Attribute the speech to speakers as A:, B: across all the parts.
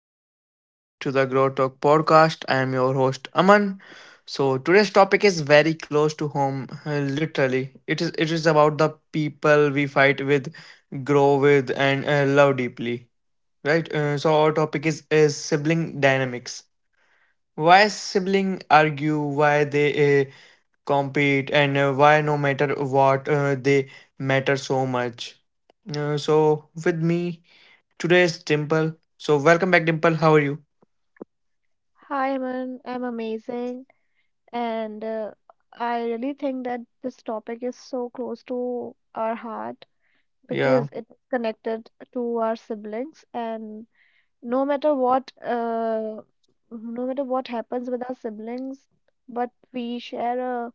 A: everyone, welcome back to the Grow Talk podcast. I am your host Aman. So, today's topic is very close to home, literally. It is about the people we fight with, grow with and love deeply, right? So, our topic is sibling dynamics. Why sibling argue, why they compete and why no matter what they matter so much. So, with me today is Dimple. So, welcome back Dimple. How are you?
B: Hi, Aman. I'm amazing. And I really think that this topic is so close to our heart
A: Yeah,
B: because it's connected to our siblings. And No matter what, no matter what happens with our siblings, but we share a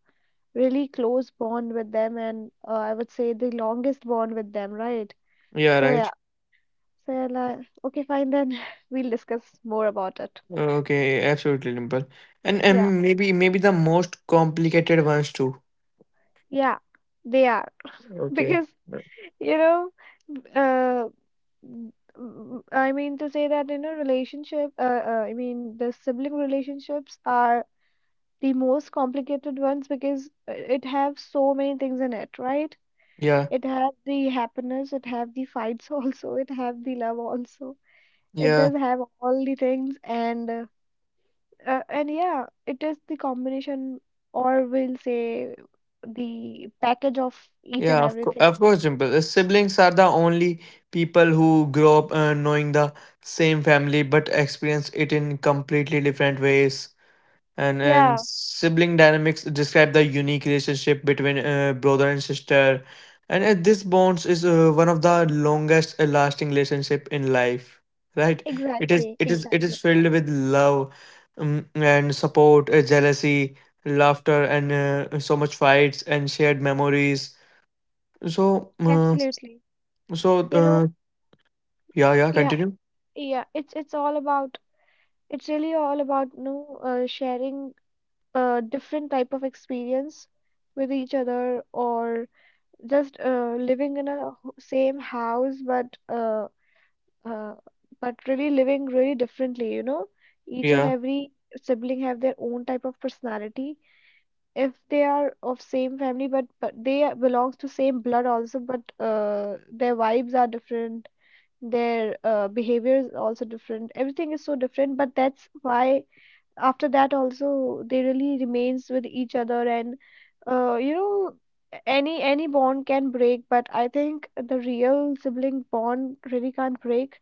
B: really close bond with them, and I would say the longest bond with them, right?
A: yeah,
B: So yeah.
A: right.
B: So yeah, like, okay, fine then. We'll discuss more about it.
A: Okay, absolutely, Dimple. And
B: Yeah.
A: and maybe the most complicated ones too.
B: Yeah. They are.
A: Okay.
B: Because you know uh, I mean to say that you know relationship I mean the sibling relationships are the most complicated ones because it have so many things in it, right.
A: Yeah,
B: It have the happiness, it have the fights also, it have the love also. It
A: yeah,
B: does have all the things. And yeah, it is the combination, or we'll say the package of each and
A: yeah.
B: everything.
A: Of course, Dimple. Siblings are the only people who grow up knowing the same family but experience it in completely different ways. and
B: Yeah.
A: and sibling dynamics describe the unique relationship between brother and sister and this bonds is one of the longest lasting relationship in life, right? it is
B: Exactly,
A: it is it
B: exactly.
A: is filled with love and support, jealousy, laughter and so much fights and shared memories. so uh,
B: Absolutely.
A: so
B: You know,
A: uh, yeah,
B: yeah,
A: continue.
B: yeah, it's all about, it's really all about, you know, sharing different type of experience with each other, or just living in a same house, uh but really living really differently, you know. Each and
A: Yeah,
B: every sibling have their own type of personality. If they are of same family, but they belongs to same blood also, but their vibes are different, their behavior is also different, everything is so different, but that's why after that also they really remains with each other. And you know, any bond can break, but I think the real sibling bond really can't break.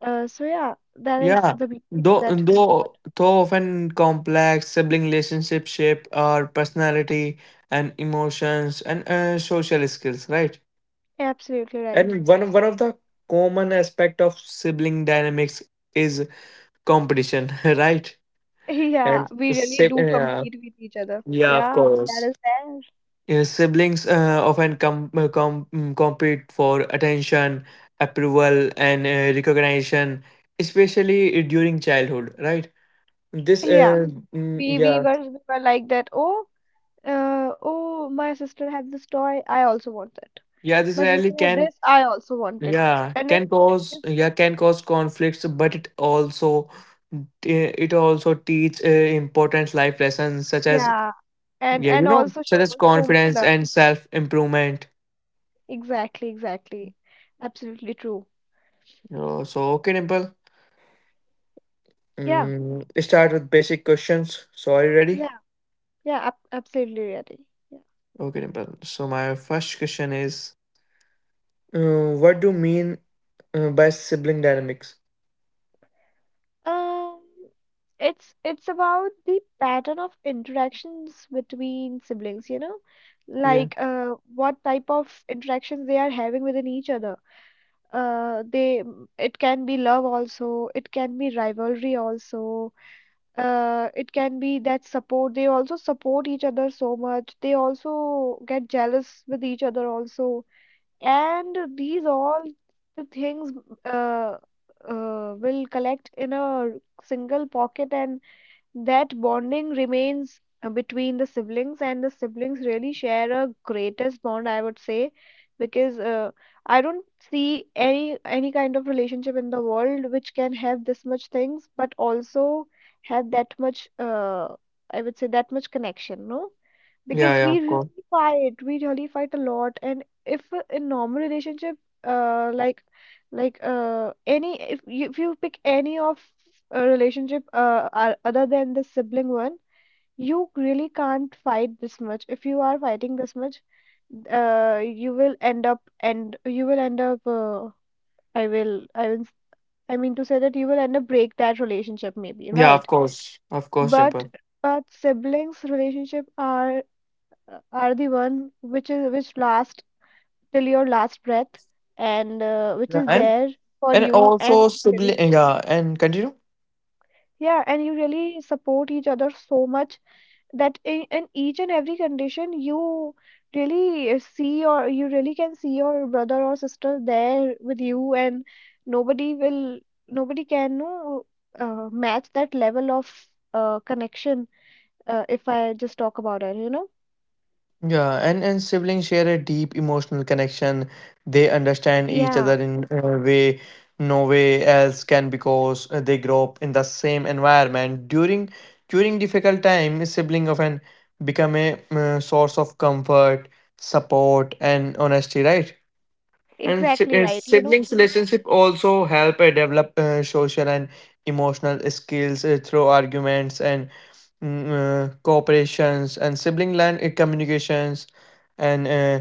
B: So yeah, that is
A: Yeah,
B: the beauty of
A: though
B: that bond.
A: though though often complex sibling relationship shape our personality and emotions and social skills, right?
B: Yeah, absolutely right.
A: And one of the common aspect of sibling dynamics is competition, right?
B: Yeah,
A: And
B: we really
A: sib-
B: do
A: yeah,
B: compete with each other,
A: yeah, of
B: yeah, that
A: course.
B: is there.
A: Yeah, siblings often compete for attention, approval, and recognition, especially during childhood, right? This
B: Yeah,
A: uh,
B: we we
A: yeah,
B: were we were like that. Oh, uh, oh, my sister had this toy. I also want it.
A: yeah this
B: My
A: really
B: sister had
A: can
B: this. I also want it. And it's
A: yeah can cause conflicts, but it also it also teach important life lessons such as
B: yeah. And also
A: such
B: shows
A: as
B: so much
A: confidence
B: love.
A: and self improvement.
B: Exactly, exactly. Absolutely true.
A: So, okay, Dimple.
B: Yeah,
A: Let's start with basic questions. So are you ready?
B: yeah, yeah. Ab absolutely ready. Yeah.
A: Okay, Dimple. So my first question is, what do you mean by sibling dynamics?
B: Um, it's about the pattern of interactions between siblings. You know,
A: Yeah,
B: like what type of interactions they are having within each other. They, it can be love also, it can be rivalry also, it can be that support, they also support each other so much, they also get jealous with each other also, and these all the things uh, will collect in a single pocket, and that bonding remains between the siblings, and the siblings really share a greatest bond, I would say, because I don't see any kind of relationship in the world which can have this much things, but also have that much, I would say, that much connection, no? Because
A: yeah,
B: we
A: of course.
B: really fight, we really fight a lot, and if in normal relationship, uh like like any, if you pick any of relationship, are, other than the sibling one, you really can't fight this much. If you are fighting this much, you will end up, and you will end up, i will i will s- I mean to say that you will end up break that relationship, maybe,
A: Yeah,
B: right?
A: of course,
B: But
A: Dimple.
B: but siblings relationship are the one which is which last till your last breath, and which
A: Yeah,
B: is there for
A: and
B: you, and
A: also
B: you really,
A: sibling yeah and continue
B: yeah, and you really support each other so much, that in each and every condition you really see, or you really can see, your brother or sister there with you, and nobody will, nobody can no match that level of connection if I just talk about it, you know.
A: yeah and siblings share a deep emotional connection. They understand
B: Yeah,
A: each other in a way no way else can because they grow up in the same environment. During during difficult time a sibling often become a source of comfort, support and honesty, right?
B: exactly right, you know,
A: Siblings relationship also help develop social and emotional skills through arguments and cooperations and sibling line communications and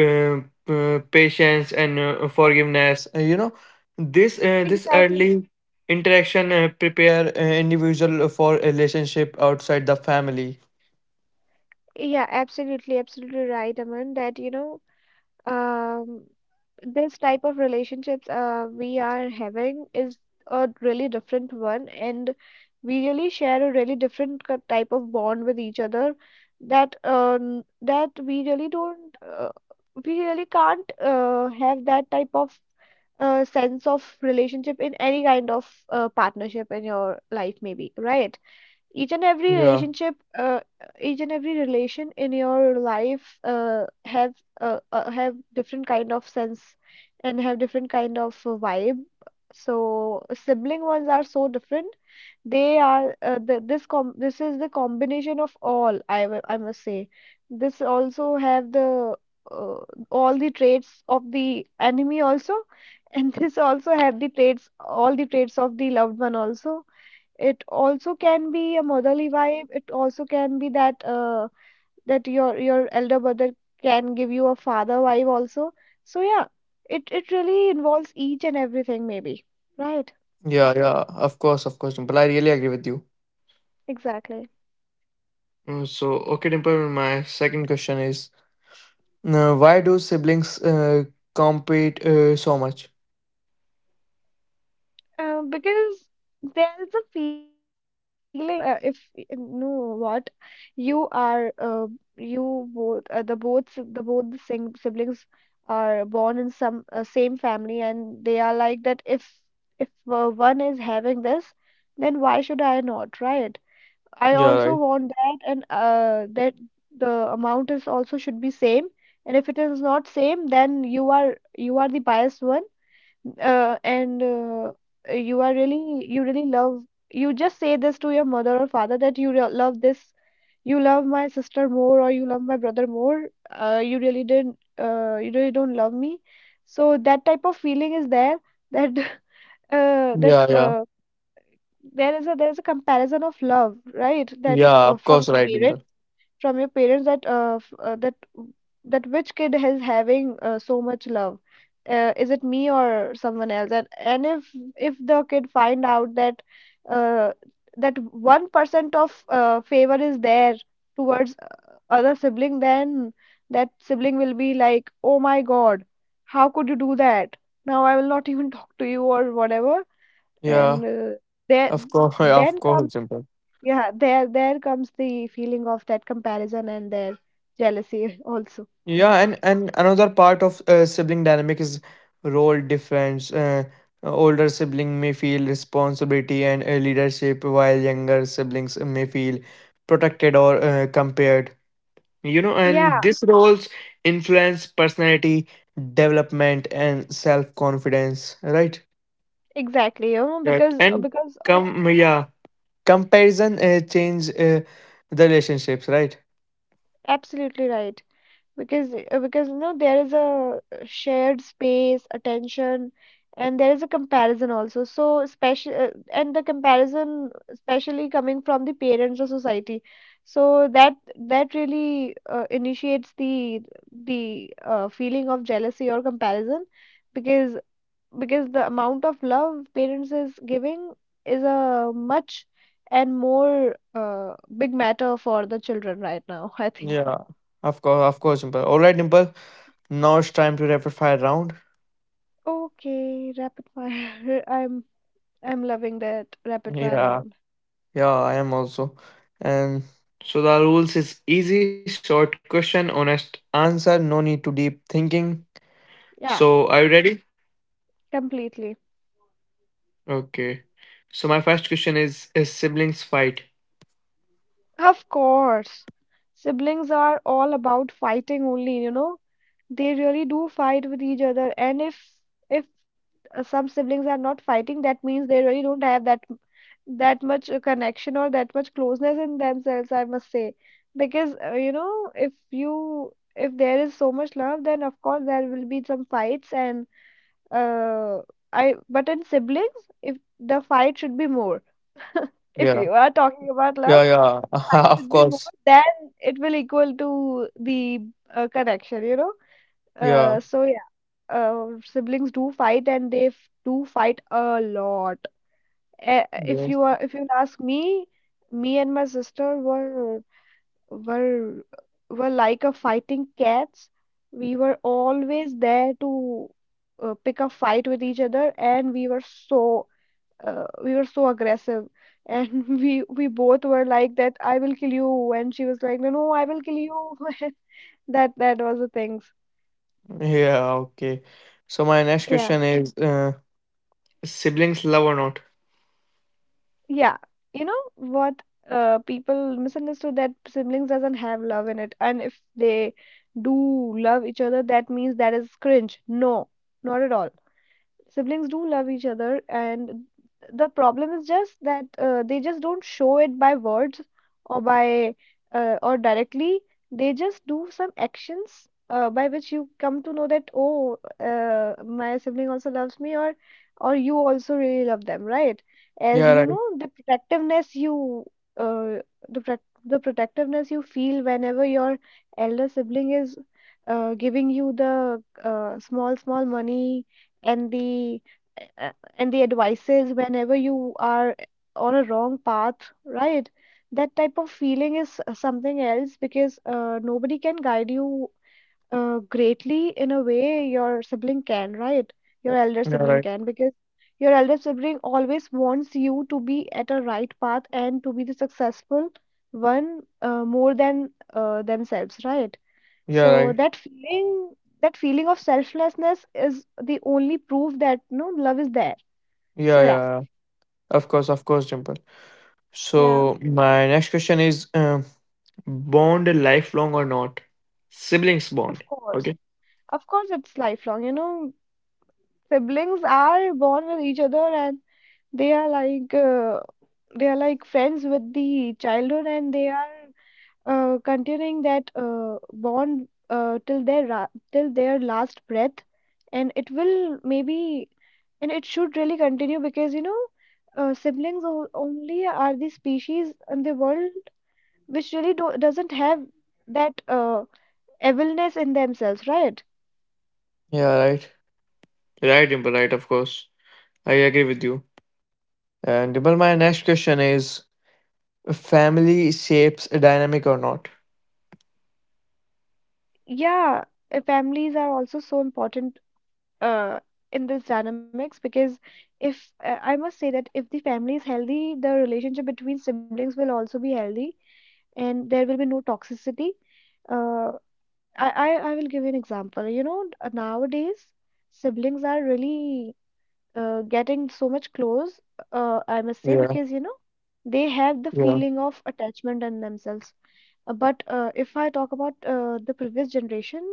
A: uh, patience and forgiveness. You know, this
B: exactly.
A: early interaction prepare individual for relationship outside the family.
B: Yeah, absolutely, absolutely right, Aman, that, you know, um, this type of relationships we are having is a really different one, and we really share a really different type of bond with each other, that that we really don't, we really can't have that type of sense of relationship in any kind of partnership in your life, maybe, right? Each and
A: Yeah,
B: every relationship, each and every relation in your life, have different kind of sense, and have different kind of vibe. So sibling ones are so different. They are, the, this com this is the combination of all, I must say. This also have the uh, all the traits of the enemy also, and this also have the traits, all the traits of the loved one also. It also can be a motherly vibe, it also can be that that your elder brother can give you a father vibe also. So yeah, it really involves each and everything, maybe, right?
A: yeah, yeah. Of course, Dimple. I really agree with you.
B: Exactly.
A: So okay, Dimple, my second question is why do siblings compete so much?
B: Because there's a feeling, no? If no, what you are, you both, the both the sing siblings are born in some same family, and they are like that. If one is having this, then why should I not, right? I
A: Yeah,
B: also
A: right.
B: want that, and that the amount is also should be same. And if it is not same, then you are the biased one, and you are really, you really love, you just say this to your mother or father that love this, you love my sister more, or you love my brother more, you really don't love me. So that type of feeling is there, that that
A: Yeah, yeah.
B: there is a, there's a comparison of love, right, that
A: Yeah, of
B: from
A: course,
B: your
A: right,
B: parents,
A: Dimple.
B: from your parents, that that which kid is having so much love, is it me or someone else. And if the kid find out that uh, that 1% of favor is there towards other sibling, then that sibling will be like, oh my god, how could you do that? Now I will not even talk to you, or whatever.
A: Yeah,
B: And there
A: of course, of
B: then,
A: course, Dimple.
B: yeah, there comes the feeling of that comparison and their jealousy also.
A: Yeah, and another part of sibling dynamic is role difference. Older sibling may feel responsibility and leadership, while younger siblings may feel protected or compared. You know, and
B: Yeah,
A: these roles influence personality development and self-confidence, right?
B: exactly, you know,
A: Yeah, and
B: because of,
A: come yeah comparison change the relationships, right?
B: absolutely right. Because because you know, there is a shared space attention, and there is a comparison also, so especially and the comparison especially coming from the parents or society. So that, that really initiates the the feeling of jealousy or comparison, because because the amount of love parents is giving is a much and more big matter for the children right now, I think.
A: Yeah, of course, of course, Dimple. All right, Dimple, now it's time to rapid fire round.
B: Okay, rapid fire. I'm loving that rapid fire
A: Yeah,
B: round.
A: yeah, I am also. And so the rules is easy: short question, honest answer, no need to deep thinking. So
B: Yeah,
A: are you ready?
B: completely.
A: Okay. So my first question is siblings fight?
B: Of course. Siblings are all about fighting only, you know. They really do fight with each other, and if if some siblings are not fighting, that means they really don't have that that much connection, or that much closeness in themselves, I must say. Because, you know, if you, if there is so much love, then of course there will be some fights, and uh I but in siblings, if the fight should be more. If
A: Yeah,
B: you are talking about love,
A: yeah, yeah.
B: the fight
A: Of
B: should be more,
A: course.
B: then it will equal to the connection, you know.
A: Yeah.
B: So yeah, siblings do fight, and they f do fight a lot. Eh, if
A: Yes.
B: you are, if you'll ask me, me and my sister were were like a fighting cats, we were always there to pick a fight with each other, and we were so, we were so aggressive, and we both were like that, I will kill you, and she was like, no no I will kill you. That, that was the things.
A: Yeah. Okay. So my next
B: Yeah.
A: question is, siblings love or not?
B: Yeah, you know what? People misunderstood that siblings doesn't have love in it, and if they do love each other, that means that is cringe. No, not at all. Siblings do love each other, and the problem is just that they just don't show it by words, or by or directly. They just do some actions by which you come to know that, oh my sibling also loves me, or you also really love them, right? As
A: Yeah,
B: you
A: right.
B: know, the protectiveness you, uh, the protectiveness you feel whenever your elder sibling is giving you the small small money, and the uh, uh, and the advices whenever you are on a wrong path, right? That type of feeling is something else, because nobody can guide you greatly in a way your sibling can, right? Your elder
A: Yeah,
B: sibling
A: right.
B: can, because your elder sibling always wants you to be at a right path, and to be the successful one, more than themselves, right?
A: Yeah,
B: So
A: right.
B: that feeling of selflessness is the only proof that love is there.
A: Yeah,
B: So yeah,
A: yeah, yeah. Of course, Dimple.
B: yeah,
A: So my next question is, bond lifelong or not? Siblings
B: of
A: bond.
B: course,
A: Okay.
B: of course, it's lifelong. You know, siblings are born with each other and they are like uh, they are like friends with the childhood and they are continuing that bond till their till their last breath, and it will maybe, and it should really continue because siblings only are the species in the world which really doesn't have that evilness in themselves, right?
A: Yeah, right. Right, Dimple, right, of course. I agree with you. And Dimple, my next question is, family shapes a dynamic or not.
B: Yeah, families are also so important uh, in this dynamics because if I must say that if the family is healthy, the relationship between siblings will also be healthy, and there will be no toxicity. Uh, I will give you an example. You know, nowadays siblings are really getting so much close, I must say,
A: Yeah,
B: because they have the
A: yeah,
B: feeling of attachment in themselves. But if I talk about the previous generation,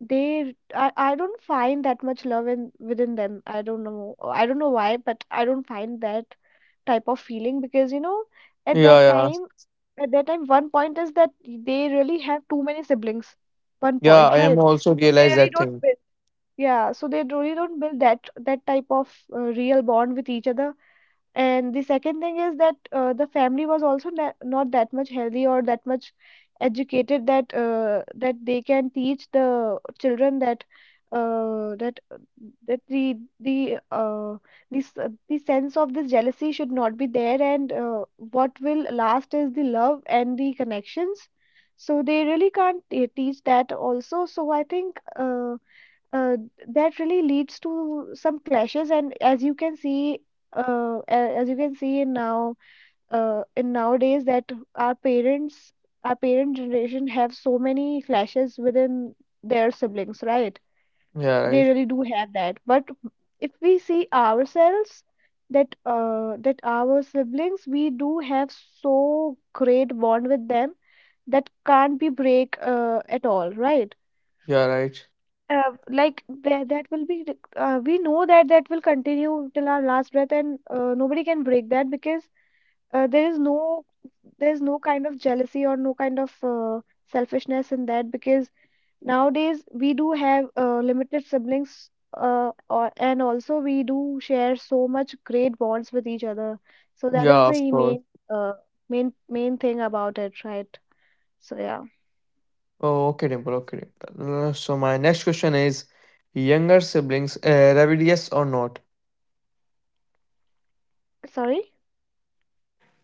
B: I don't find that much love in within them. I don't know. I don't know why, but I don't find that type of feeling because at
A: yeah,
B: that
A: yeah,
B: time, at that time, one point is that they really have too many siblings. One
A: yeah.
B: point,
A: I am
B: right?
A: also
B: So they
A: realize
B: really
A: that
B: don't
A: thing.
B: build. Yeah, so they really don't build that type of real bond with each other. And the second thing is that the family was also na not that much healthy or that much educated that that they can teach the children that that that the this the sense of this jealousy should not be there, and what will last is the love and the connections. So they really can't teach that also. So I think uh, that really leads to some clashes, and as you can see, as you can see in now, in nowadays, that our parents, our parent generation have so many clashes within their siblings, right?
A: Yeah,
B: They
A: right.
B: really do have that. But if we see ourselves, that that our siblings, we do have so great bond with them that can't be break at all, right?
A: Yeah, right.
B: Like that, that will be we know that that will continue till our last breath, and nobody can break that because uh, there is no there is no kind of jealousy or no kind of selfishness in that, because nowadays we do have limited siblings, or, and also we do share so much great bonds with each other. So that is
A: Yeah, of
B: the
A: course.
B: uh, main thing about it, right? So yeah.
A: Oh, okay, Dimple. Okay. So my next question is: younger siblings rebellious or not?
B: Sorry.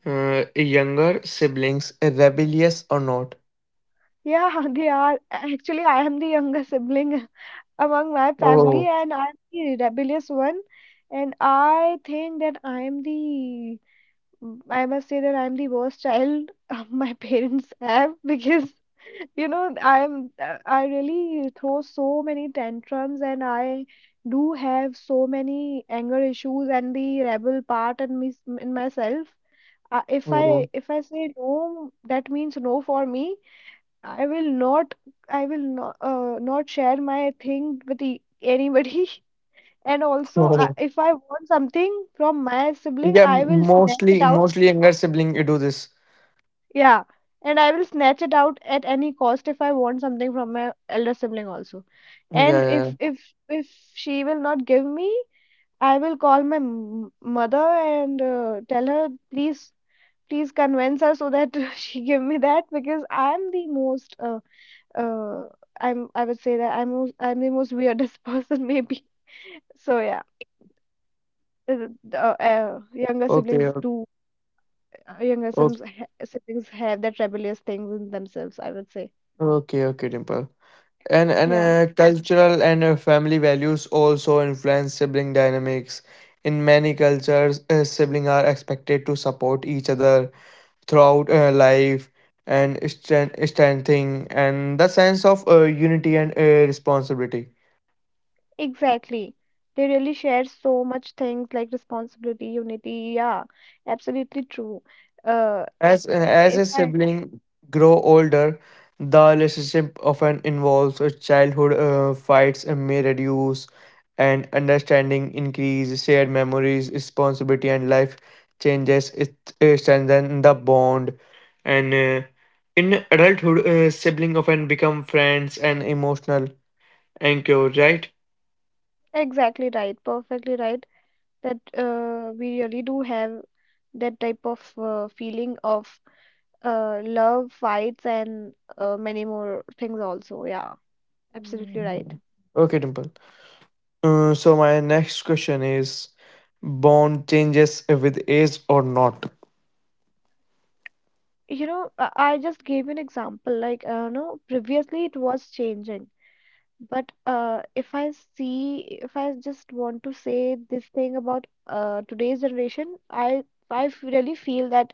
A: Younger siblings rebellious or not?
B: Yeah, they are actually. I am the younger sibling among my family,
A: Oh,
B: and I'm the rebellious one. And I must say that I'm the worst child my parents have because, you know, I really throw so many tantrums, and I do have so many anger issues and the rebel part in me, in myself.
A: oh,
B: If I say no, that means no for me. I will not, I will not, not share my thing with anybody. And also,
A: oh.
B: if I want something from my sibling,
A: Yeah,
B: I will snatch it
A: mostly,
B: out.
A: mostly younger sibling you do this.
B: Yeah, and I will snatch it out at any cost if I want something from my elder sibling also.
A: Yeah,
B: And
A: yeah, yeah.
B: if if if she will not give me, I will call my m mother and tell her, please, please convince her so that she give me that, because I am the most uh, I'm, I would say that I'm most, I'm the most weirdest person maybe. So yeah, younger
A: Okay,
B: siblings
A: o-
B: do
A: o-
B: siblings have that rebellious things in themselves, I would say.
A: okay, okay, Dimple. And
B: Yeah,
A: cultural and family values also influence sibling dynamics. In many cultures siblings are expected to support each other throughout life and strengthening and the sense of unity and responsibility.
B: exactly. They really share so much things like responsibility, unity. Yeah, absolutely true. Uh,
A: As
B: if
A: a
B: I
A: sibling grow older, the relationship often involves a childhood fights and may reduce, and understanding increase, shared memories, responsibility, and life changes. It, strengthen the bond, and in adulthood, sibling often become friends and emotional anchor. Right?
B: Exactly right, perfectly right. That we really do have that type of feeling of love, fights, and many more things also. Yeah, absolutely right.
A: Mhm. Okay, Dimple. So my next question is, bond changes with age or not?
B: You know, I just gave you an example. Like, no, previously it was changing, but if I see, if I just want to say this thing about today's generation, I really feel that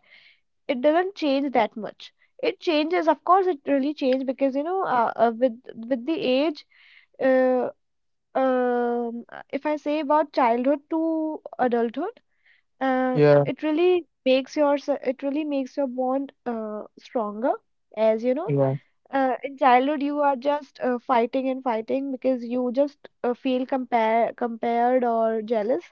B: it doesn't change that much. It changes, of course. It really changed because with the age, uh, um, if I say about childhood to adulthood, uh,
A: Yeah.
B: it really makes your bond stronger. As you know,
A: Yeah,
B: in childhood you are just fighting and fighting because you just feel compared or jealous.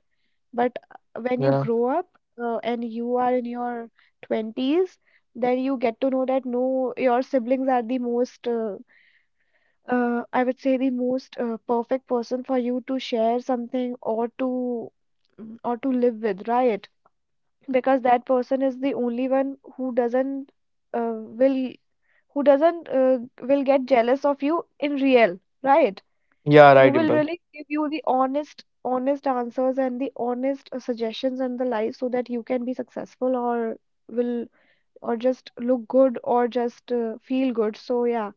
B: But when you
A: yeah,
B: grow up and you are in your 20s, then you get to know that no, your siblings are the most, I would say, the most perfect person for you to share something or to or to live with, right? Because that person is the only one who doesn't will who doesn't will get jealous of you in real, right?
A: yeah.
B: Who
A: Right,
B: will
A: Dimple.
B: really give you the honest honest answers and the honest suggestions and the life so that you can be successful or will or just look good or just feel good. So yeah,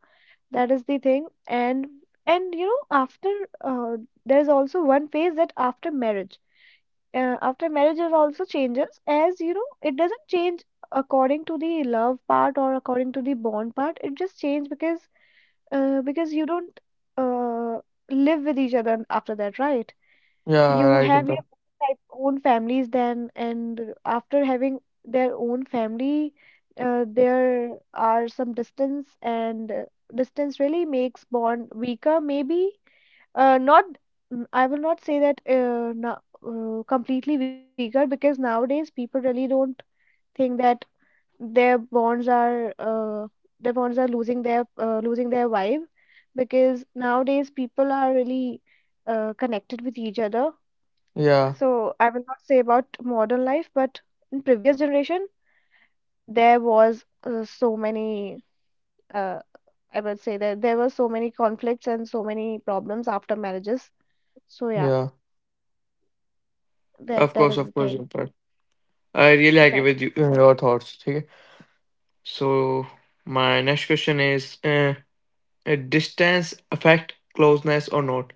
B: that is the thing. And you know after uh, there's also one phase that after marriage, after marriage, it also changes. As you know, it doesn't change according to the love part or according to the bond part. It just changes because you don't uh, live with each other after that, right?
A: Yeah,
B: You
A: right,
B: have your
A: Dimple.
B: own families then, and after having their own family, there are some distance, and distance really makes bond weaker, maybe. Not, mm, I will not say that no, completely weaker, because nowadays people really don't think that their bonds are uh, their bonds are losing their vibe, because nowadays people are really connected with each other.
A: Yeah,
B: So I will not say about modern life, but in previous generation there was so many uh, I would say that there were so many conflicts and so many problems after marriages. So yeah,
A: yeah.
B: that that
A: Of
B: is the
A: course,
B: thing.
A: Dimple. I really agree with you,
B: Exactly.
A: your thoughts. Okay. So my next question is: distance affect closeness or not?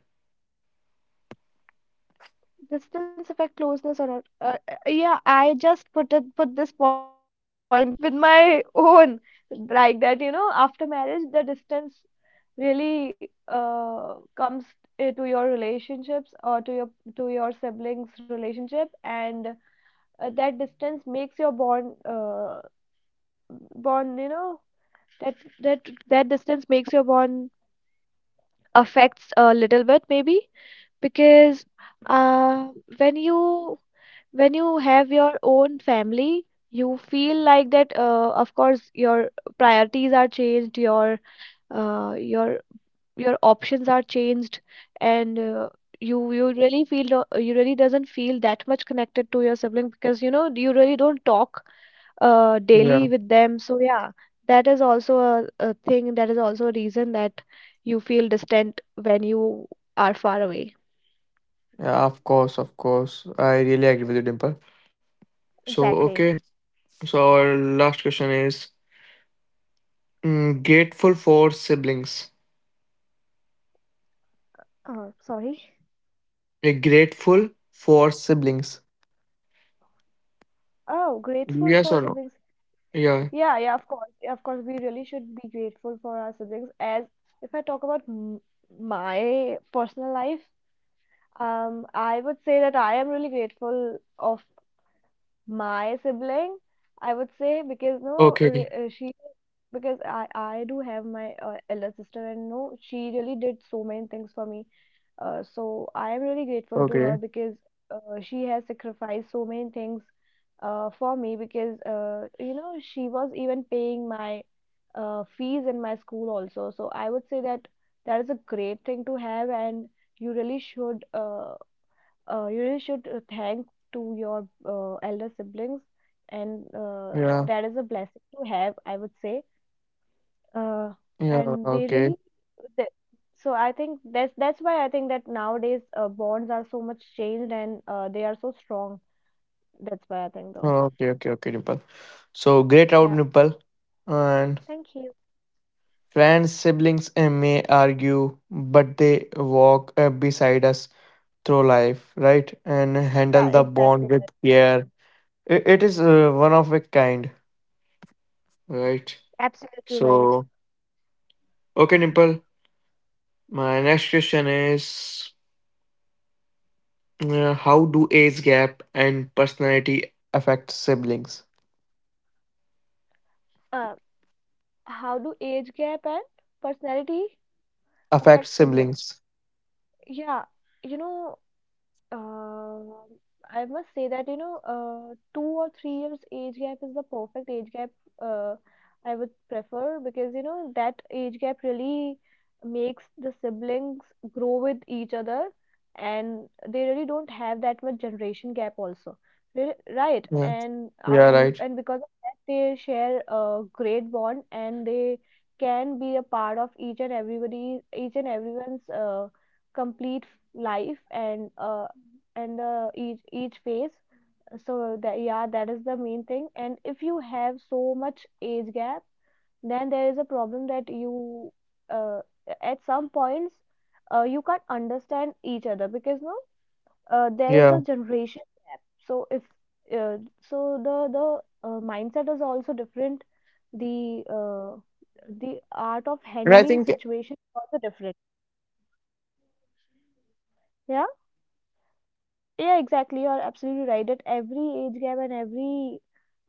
B: Distance affect closeness or not? Yeah, I just put it, put this point with my own like that. You know, after marriage, the distance really comes to your relationships or to your siblings' relationship, and that distance makes your bond You know that that that distance makes your bond affects a little bit maybe, because uh, when you, when you have your own family, you feel like that of course your priorities are changed, uh, your your options are changed, and you, you really feel you really doesn't feel that much connected to your sibling because you know you really don't talk
A: Yeah,
B: daily with them. So yeah, that is also a thing. That is also a reason that you feel distant when you are far away.
A: yeah. Of course, of course. I really agree with you, Dimple. So
B: Play.
A: okay. So our last question is: grateful for siblings.
B: Oh, sorry.
A: Grateful for siblings.
B: Oh, grateful
A: Yes
B: for
A: or no?
B: siblings.
A: Yeah.
B: Yeah, yeah, of course. Yeah, of course, we really should be grateful for our siblings. As if I talk about m my personal life, I would say that I am really grateful of my sibling, I would say, because no,
A: Okay. Okay.
B: re- she because I do have my elder sister, and no, she really did so many things for me. So I am really grateful to her
A: Okay.
B: because she has sacrificed so many things for me because you know she was even paying my fees in my school also. So I would say that that is a great thing to have, and you really should. You really should thank to your elder siblings, and
A: Yeah.
B: that is a blessing to have, I would say. Uh,
A: Yeah,
B: and they
A: okay.
B: really they, So I think that's why I think that nowadays bonds are so much changed and they are so strong. That's why I think though.
A: Oh, okay, okay, okay, Nipal. So great out,
B: Yeah,
A: Nipal. And
B: thank you.
A: friends, siblings eh, may argue, but they walk beside us through life, right? And handle
B: Yeah,
A: the
B: exactly
A: bond with
B: right.
A: care. It is one of a kind, right?
B: Absolutely right.
A: So, okay, Nipal. My next question is how do age gap and personality affect siblings?
B: uh, how do age gap and personality
A: Affect
B: affect siblings?
A: siblings.
B: Yeah, you know. Um, I must say that, you know, 2 or 3 years age gap is the perfect age gap, uh, I would prefer, because, you know, that age gap really makes the siblings grow with each other, and they really don't have that much generation gap also. Right.
A: Yeah, yeah, right,
B: And because of that, they share a great bond, and they can be a part of each and everybody, each and everyone's complete life, and each phase. So that, yeah, that is the main thing. And if you have so much age gap, then there is a problem that you uh, at some points you can't understand each other because no there is
A: yeah.
B: a generation gap. So if uh, so the the uh, mindset is also different, the uh, the art of
A: And I
B: handling
A: think
B: situations
A: every
B: is also
A: pair is
B: different.
A: unique.
B: Yeah, yeah, exactly. You're absolutely right, that every age
A: Continue.
B: gap and every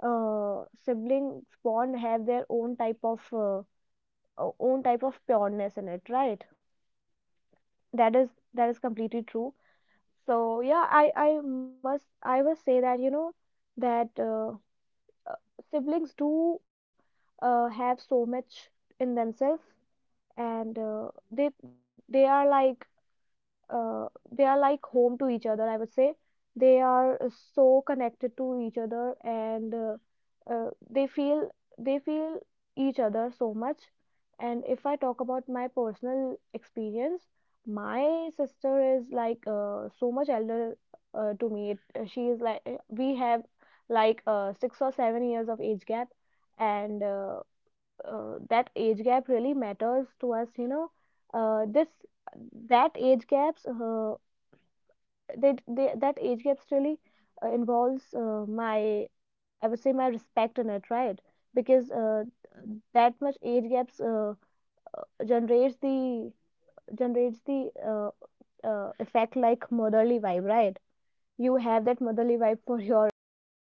A: Yeah, yeah.
B: siblings bond have their own
A: And
B: type of
A: and and Dimple,
B: o- own type of
A: I
B: pureness in
A: think
B: it, right?
A: sibling with together
B: That is,
A: learned
B: that is completely
A: communication,
B: true.
A: and
B: So yeah, I must,
A: compromise
B: I must
A: and
B: say that you
A: patience
B: know
A: and
B: that
A: forgiveness. Right. And
B: siblings do
A: this early
B: have so
A: interaction
B: much
A: prepare
B: in themselves,
A: individual for
B: and
A: relationship outside the
B: they they are
A: family.
B: like uh,
A: Yes.
B: they are
A: So
B: like home
A: Dimple,
B: to each
A: you
B: other,
A: are
B: I would say.
A: perfect.
B: They
A: Perfectly
B: are
A: explain these
B: so
A: things.
B: connected to each other, and they feel,
A: So
B: they feel each other so much.
A: and.
B: And if I talk about my
A: And I
B: personal
A: really like
B: experience,
A: this podcast.
B: my sister
A: So
B: is
A: thank you,
B: like
A: Dimple.
B: so much
A: Thank you
B: elder
A: so much. And
B: to me.
A: friends,
B: She is like
A: siblings may
B: we have
A: hurt us
B: like 6 or 7 years of age gap,
A: and or
B: and
A: challenges, and but they
B: that
A: also
B: age
A: shape
B: gap
A: who
B: really
A: we
B: matters
A: become.
B: to us, you
A: And
B: know.
A: in their
B: This
A: laughter,
B: That age gaps
A: rivalry and
B: they
A: silence,
B: that age
A: there
B: gaps
A: is
B: really
A: history,
B: involves
A: love, and
B: my,
A: blogging.
B: I would say,
A: Right.
B: my respect in it,
A: So,
B: right?
A: guys, this
B: Because
A: is Aman and signing off
B: that
A: from
B: much
A: the
B: age
A: Grow Talk
B: gaps
A: podcast. And
B: generates
A: cheers the
B: the,
A: bond, heal
B: generates
A: the
B: the
A: wounds, and grow
B: effect like
A: together.
B: motherly
A: So,
B: vibe,
A: thank you,
B: right?
A: Dimple. Thank you
B: You
A: so
B: have
A: much.
B: that motherly vibe for your elder